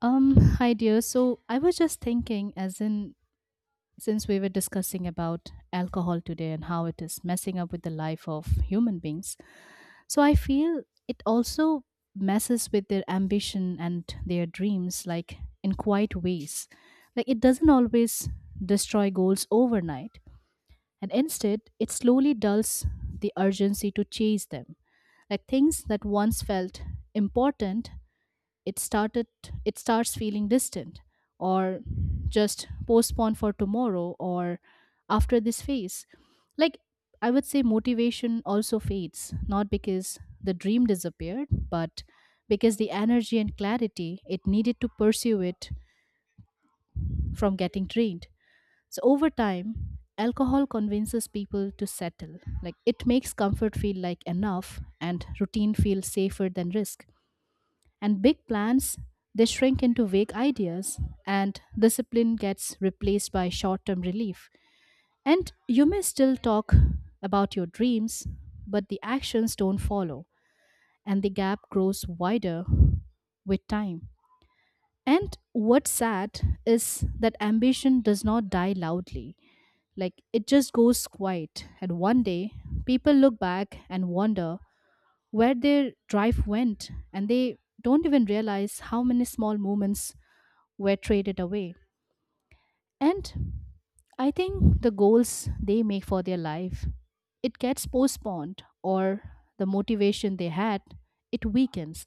Hi dear. So I was just thinking, as in, since we were discussing about alcohol today and how it is messing up with the life of human beings, so I feel it also messes with their ambition and their dreams, like in quiet ways. Like it doesn't always destroy goals overnight, and instead, it slowly dulls the urgency to chase them. Like things that once felt important it started it starts feeling distant or just postponed for tomorrow or after this phase, like I would say motivation also fades, not because the dream disappeared, but because the energy and clarity it needed to pursue it from getting drained. So over time alcohol convinces people to settle, like it makes comfort feel like enough and routine feel safer than risk. And big plans, they shrink into vague ideas, and discipline gets replaced by short term relief. And you may still talk about your dreams, but the actions don't follow, and the gap grows wider with time. And what's sad is that ambition does not die loudly. Like it just goes quiet, and one day people look back and wonder where their drive went, and they don't even realize how many small moments were traded away. And I think the goals they make for their life, it gets postponed, or the motivation they had, it weakens,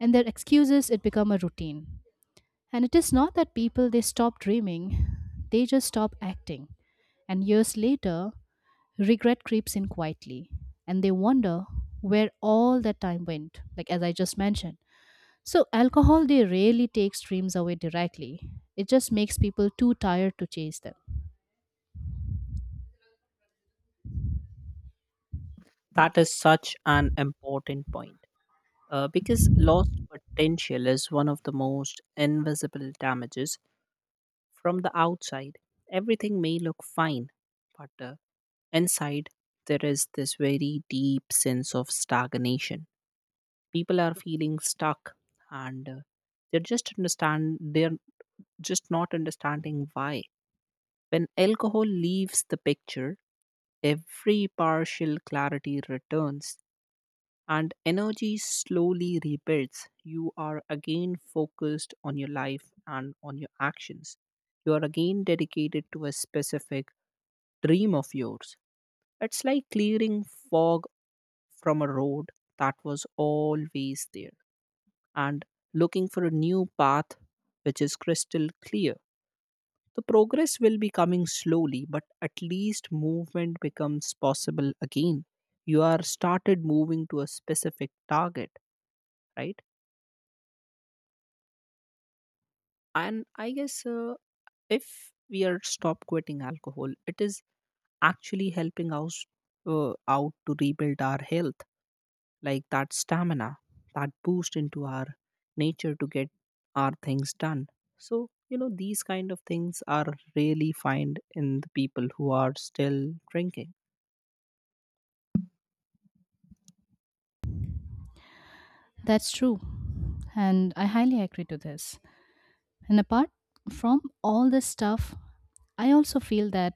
and their excuses, it become a routine. And it is not that people they stop dreaming, they just stop acting. And years later, regret creeps in quietly, and they wonder where all that time went, like as I just mentioned. So, alcohol, they rarely takes dreams away directly. It just makes people too tired to chase them. That is such an important point because lost potential is one of the most invisible damages from the outside. Everything may look fine, but inside there is this very deep sense of stagnation. People are feeling stuck and they're just not understanding why. When alcohol leaves the picture, every partial clarity returns and energy slowly rebuilds. You are again focused on your life and on your actions. You are again dedicated to a specific dream of yours. It's like clearing fog from a road that was always there and looking for a new path which is crystal clear. The progress will be coming slowly, but at least movement becomes possible again. You are started moving to a specific target, right? And I guess if we are stop quitting alcohol, it is actually helping us out to rebuild our health, like that stamina, that boost into our nature to get our things done. So you know, these kind of things are really find in the people who are still drinking. That's true. And I highly agree to this. And apart from all this stuff, I also feel that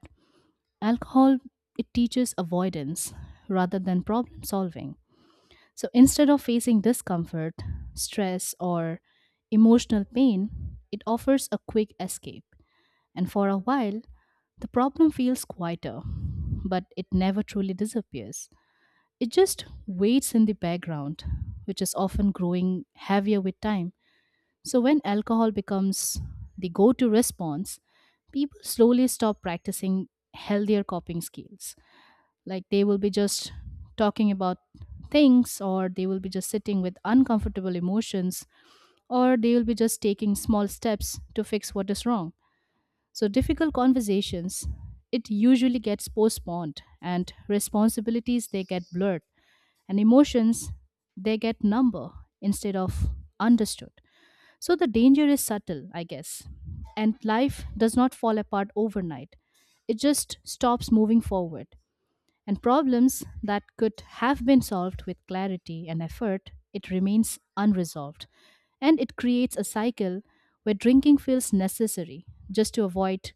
alcohol it teaches avoidance rather than problem solving. So instead of facing discomfort, stress, or emotional pain, it offers a quick escape. And for a while, the problem feels quieter, but it never truly disappears. It just waits in the background, which is often growing heavier with time. So when alcohol becomes the go to response, people slowly stop practicing healthier coping skills, like they will be just talking about things, or they will be just sitting with uncomfortable emotions, or they will be just taking small steps to fix what is wrong. So difficult conversations, it usually gets postponed, and responsibilities they get blurred, and emotions they get number instead of understood. So the danger is subtle, I guess, and life does not fall apart overnight, it just stops moving forward, and problems that could have been solved with clarity and effort, it remains unresolved. And it creates a cycle where drinking feels necessary just to avoid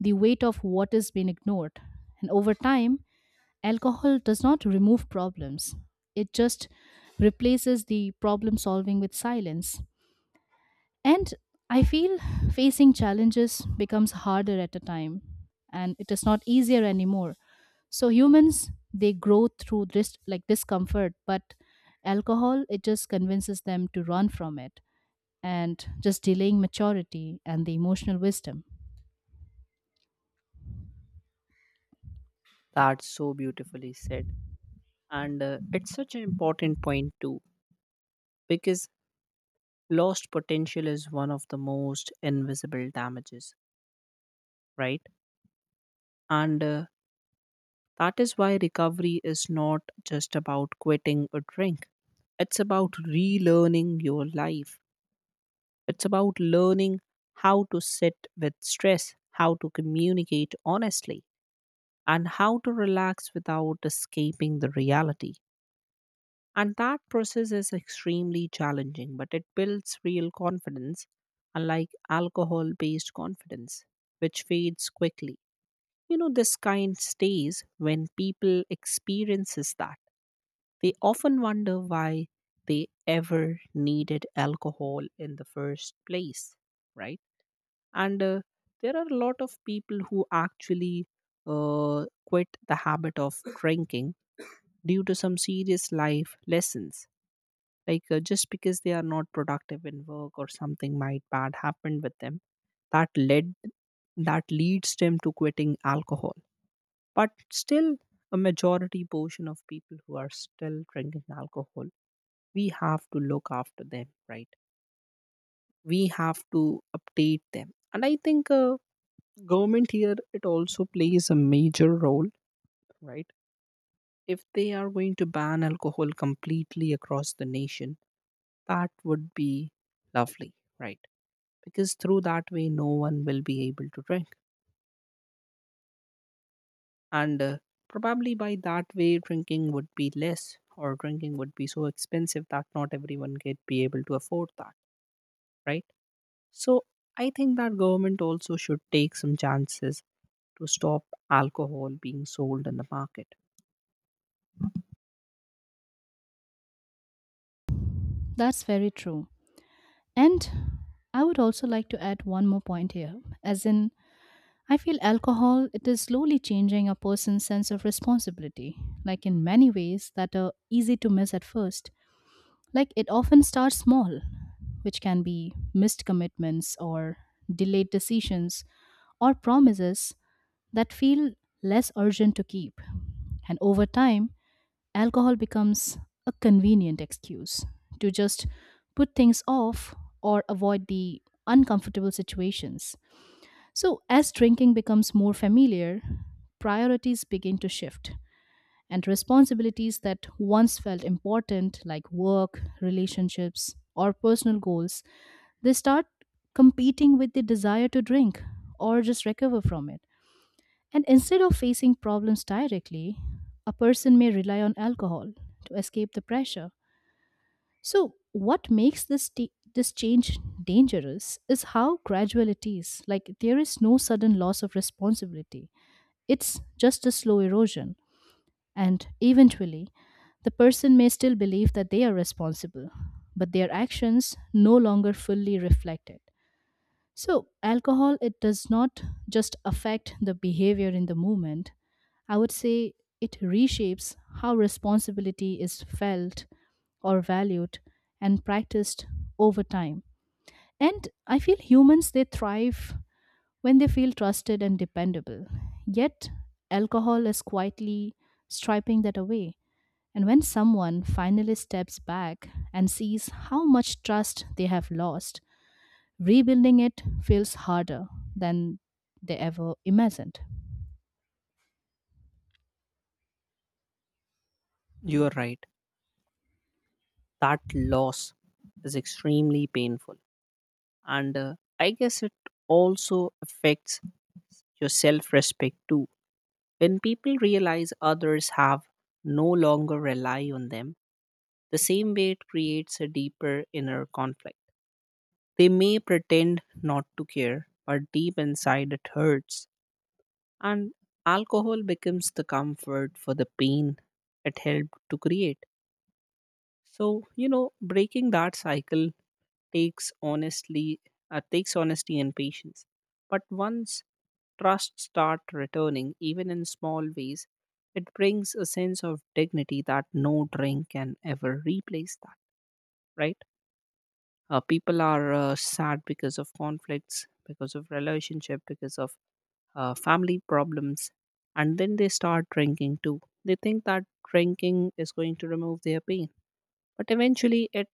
the weight of what has been ignored. And over time, alcohol does not remove problems, it just replaces the problem solving with silence, and I feel facing challenges becomes harder at a time and it is not easier anymore. So humans they grow through this like discomfort, but alcohol it just convinces them to run from it and just delaying maturity and the emotional wisdom. That's so beautifully said, and it's such an important point too, because lost potential is one of the most invisible damages, right? And that is why recovery is not just about quitting a drink, it's about relearning your life. It's about learning how to sit with stress, how to communicate honestly, and how to relax without escaping the reality. And that process is extremely challenging, but it builds real confidence, unlike alcohol based confidence, which fades quickly. You know, this kind stays when people experiences that. They often wonder why they ever needed alcohol in the first place, right? And there are a lot of people who actually quit the habit of drinking due to some serious life lessons. Like just because they are not productive in work or something might bad happened with them, that led that leads them to quitting alcohol. But still, a majority portion of people who are still drinking alcohol, we have to look after them, right? We have to update them. And I think government here, it also plays a major role, right? If they are going to ban alcohol completely across the nation, that would be lovely, right? Because through that way, no one will be able to drink. And probably by that way drinking would be less, or drinking would be so expensive that not everyone could be able to afford that, right? So I think that government also should take some chances to stop alcohol being sold in the market. That's very true. And I would also like to add one more point here, as in I feel alcohol it is slowly changing a person's sense of responsibility, like in many ways that are easy to miss at first. Like it often starts small, which can be missed commitments or delayed decisions or promises that feel less urgent to keep. And over time, alcohol becomes a convenient excuse to just put things off or avoid the uncomfortable situations. So, as drinking becomes more familiar, priorities begin to shift, and responsibilities that once felt important, like work, relationships, or personal goals, they start competing with the desire to drink or just recover from it. And instead of facing problems directly, a person may rely on alcohol to escape the pressure. So, what makes this change dangerous is how gradual it is. Like there is no sudden loss of responsibility. It's just a slow erosion, and eventually, the person may still believe that they are responsible, but their actions no longer fully reflect it. So, alcohol it does not just affect the behavior in the moment. I would say it reshapes how responsibility is felt or valued and practiced over time. And I feel humans they thrive when they feel trusted and dependable. Yet, alcohol is quietly striping that away. And when someone finally steps back and sees how much trust they have lost, rebuilding it feels harder than they ever imagined. You are right, that loss is extremely painful, and I guess it also affects your self respect too. When people realize others have no longer rely on them, the same way it creates a deeper inner conflict. They may pretend not to care, but deep inside it hurts. And alcohol becomes the comfort for the pain it helped to create. So, you know, breaking that cycle takes honestly takes honesty and patience. But once trust start returning even in small ways, it brings a sense of dignity that no drink can ever replace that, right? People are sad because of conflicts, because of relationship, because of family problems, and then they start drinking too. They think that drinking is going to remove their pain, but eventually it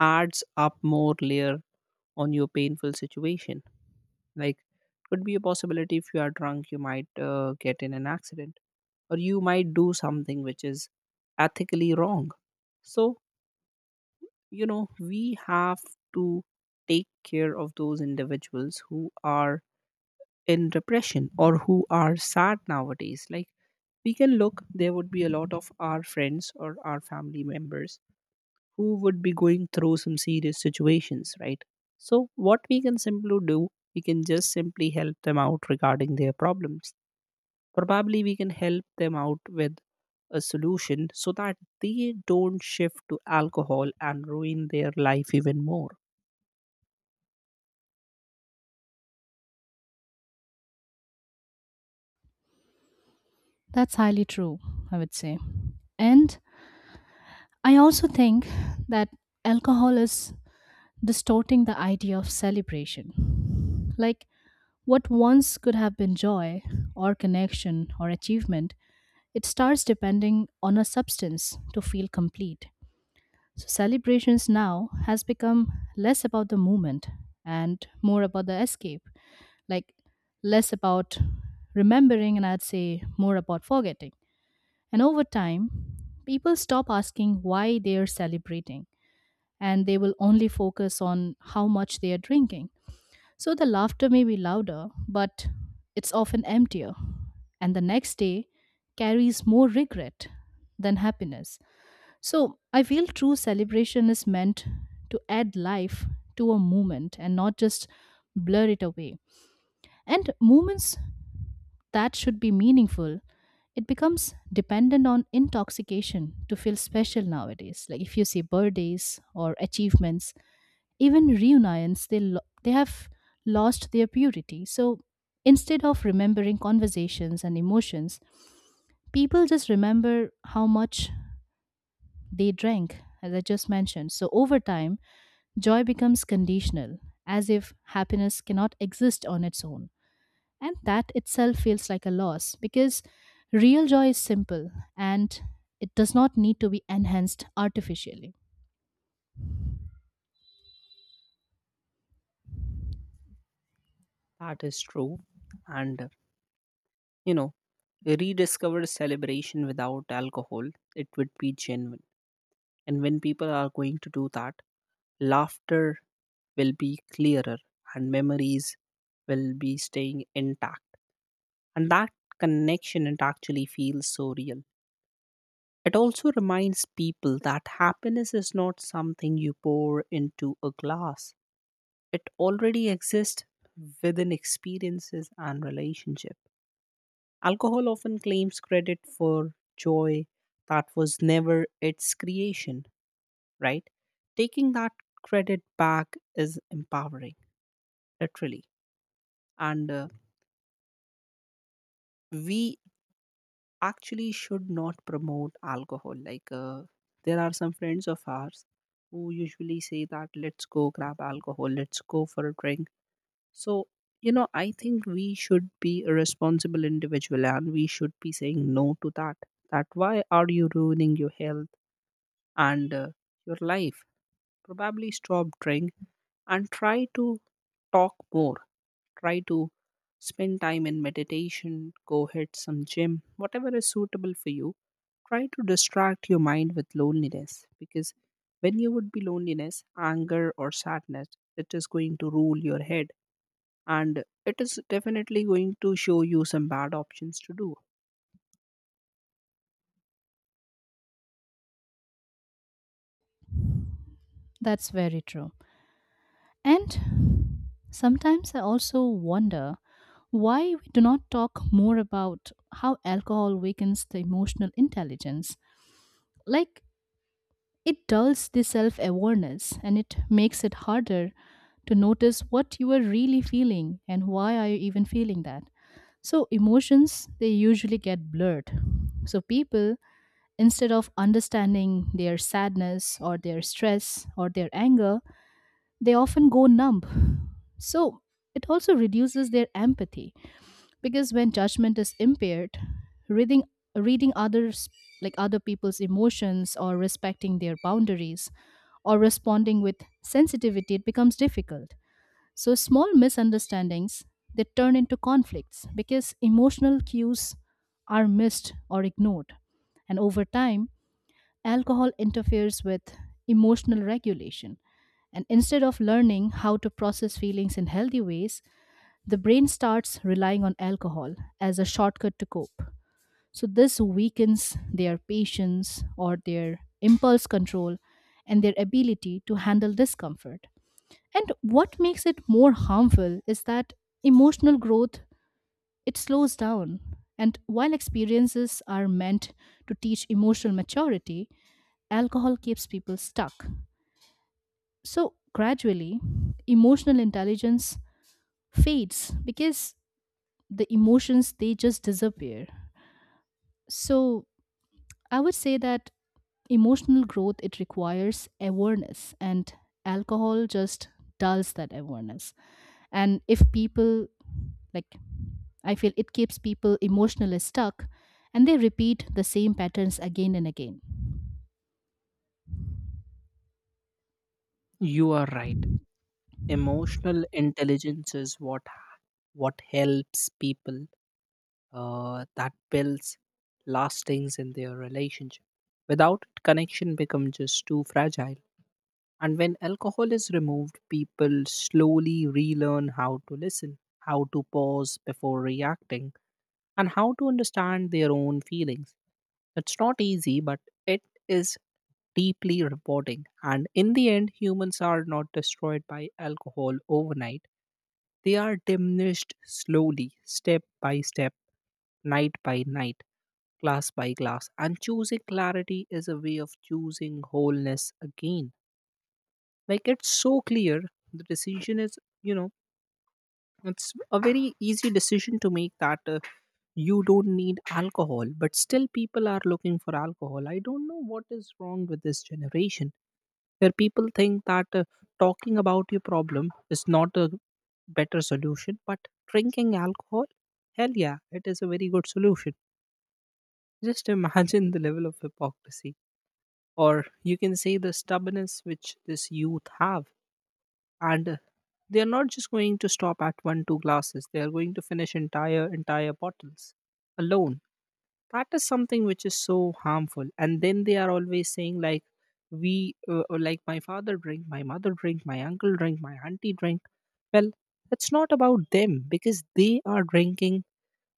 adds up more layer on your painful situation. Like, could be a possibility if you are drunk, you might get in an accident, or you might do something which is ethically wrong. So you know, we have to take care of those individuals who are in repression or who are sad nowadays. Like, we can look, there would be a lot of our friends or our family members who would be going through some serious situations, right? So what we can simply do, we can just simply help them out regarding their problems. Probably we can help them out with a solution so that they don't shift to alcohol and ruin their life even more. That's highly true, I would say. And I also think that alcohol is distorting the idea of celebration. Like what once could have been joy or connection or achievement, it starts depending on a substance to feel complete. So celebrations now has become less about the movement and more about the escape, like less about remembering and I'd say more about forgetting. And over time, people stop asking why they are celebrating and they will only focus on how much they are drinking. So the laughter may be louder, but it's often emptier. And the next day carries more regret than happiness. So I feel true celebration is meant to add life to a moment and not just blur it away. And moments that should be meaningful, it becomes dependent on intoxication to feel special nowadays. Like if you see birthdays or achievements, even reunions, they have lost their purity. So instead of remembering conversations and emotions, people just remember how much they drank, as I just mentioned. So over time, joy becomes conditional, as if happiness cannot exist on its own. And that itself feels like a loss because real joy is simple and it does not need to be enhanced artificially. That is true. And, you know, rediscover celebration without alcohol, it would be genuine. And when people are going to do that, laughter will be clearer and memories will be staying intact. And that connection it actually feels so real. It also reminds people that happiness is not something you pour into a glass. It already exists within experiences and relationships. Alcohol often claims credit for joy that was never its creation, right? Taking that credit back is empowering, literally. And we actually should not promote alcohol. Like, there are some friends of ours who usually say that, let's go grab alcohol, let's go for a drink. So, you know, I think we should be a responsible individual and we should be saying no to that. That why are you ruining your health? And your life. Probably stop drink and try to talk more. Try to spend time in meditation, go hit some gym, whatever is suitable for you. Try to distract your mind with loneliness, because when you would be loneliness, anger or sadness, it is going to rule your head, and it is definitely going to show you some bad options to do. That's very true. And sometimes I also wonder why we do not talk more about how alcohol weakens the emotional intelligence. Like, it dulls the self awareness and it makes it harder to notice what you are really feeling and why are you even feeling that. So, emotions, they usually get blurred. So, people, instead of understanding their sadness or their stress or their anger, they often go numb. So it also reduces their empathy, because when judgment is impaired, reading reading others, like other people's emotions, or respecting their boundaries, or responding with sensitivity, it becomes difficult. So small misunderstandings, they turn into conflicts because emotional cues are missed or ignored. And over time, alcohol interferes with emotional regulation. And instead of learning how to process feelings in healthy ways, the brain starts relying on alcohol as a shortcut to cope. So, this weakens their patience or their impulse control and their ability to handle discomfort. And what makes it more harmful is that emotional growth, it slows down. And while experiences are meant to teach emotional maturity, alcohol keeps people stuck. So, gradually, emotional intelligence fades because the emotions they just disappear. So I would say that emotional growth it requires awareness, and alcohol just dulls that awareness, and if people, like, I feel it keeps people emotionally stuck, and they repeat the same patterns again and again. You are right. Emotional intelligence is what helps people, that builds lastings in their relationship. Without it, connection becomes just too fragile. And when alcohol is removed, people slowly relearn how to listen, how to pause before reacting, and how to understand their own feelings. It's not easy, but it is deeply rewarding. And in the end, humans are not destroyed by alcohol overnight, they are diminished slowly, step by step, night by night, class by class. And choosing clarity is a way of choosing wholeness again. Like it's so clear, the decision is, you know, it's a very easy decision to make that you don't need alcohol, but still people are looking for alcohol. I don't know what is wrong with this generation, where people think that talking about your problem is not a better solution, but drinking alcohol, hell yeah, it is a very good solution. Just imagine the level of hypocrisy, or you can say the stubbornness which this youth have. And they are not just going to stop at 1 2 glasses, they are going to finish entire bottles alone. That is something which is so harmful. And then they are always saying like, we like my father drink, my mother drink, my uncle drink, my auntie drink. Well, it's not about them, because they are drinking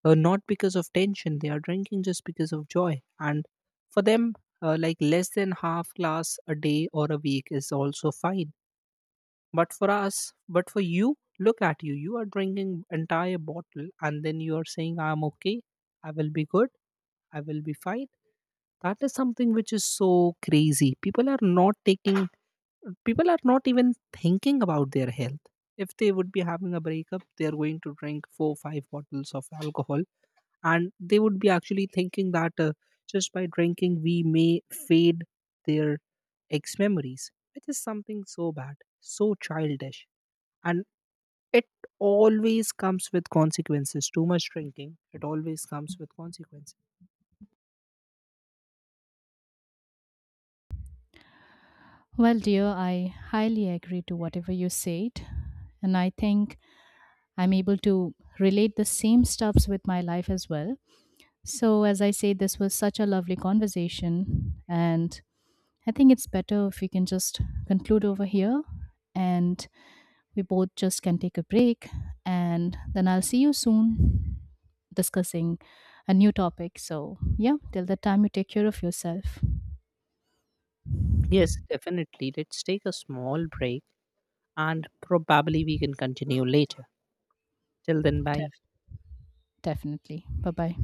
not because of tension, they are drinking just because of joy. And for them, like less than half glass a day or a week is also fine. But for us, but for you, look at you, you are drinking entire bottle and then you are saying I'm okay, I will be good, I will be fine. That is something which is so crazy. People are not even thinking about their health. If they would be having a breakup, they are going to drink 4 5 bottles of alcohol, and they would be actually thinking that just by drinking we may fade their ex memories, which is something so bad, so childish. And it always comes with consequences. Too much drinking, it always comes with consequences. Well, dear, I highly agree to whatever you said, and I think I'm able to relate the same stuffs with my life as well. So, as I say, this was such a lovely conversation, and I think it's better if we can just conclude over here and we both just can take a break. And then I'll see you soon discussing a new topic. So, yeah, till that time, you take care of yourself. Yes, definitely, let's take a small break and probably we can continue later. Till then, bye. Def- Definitely. Bye bye.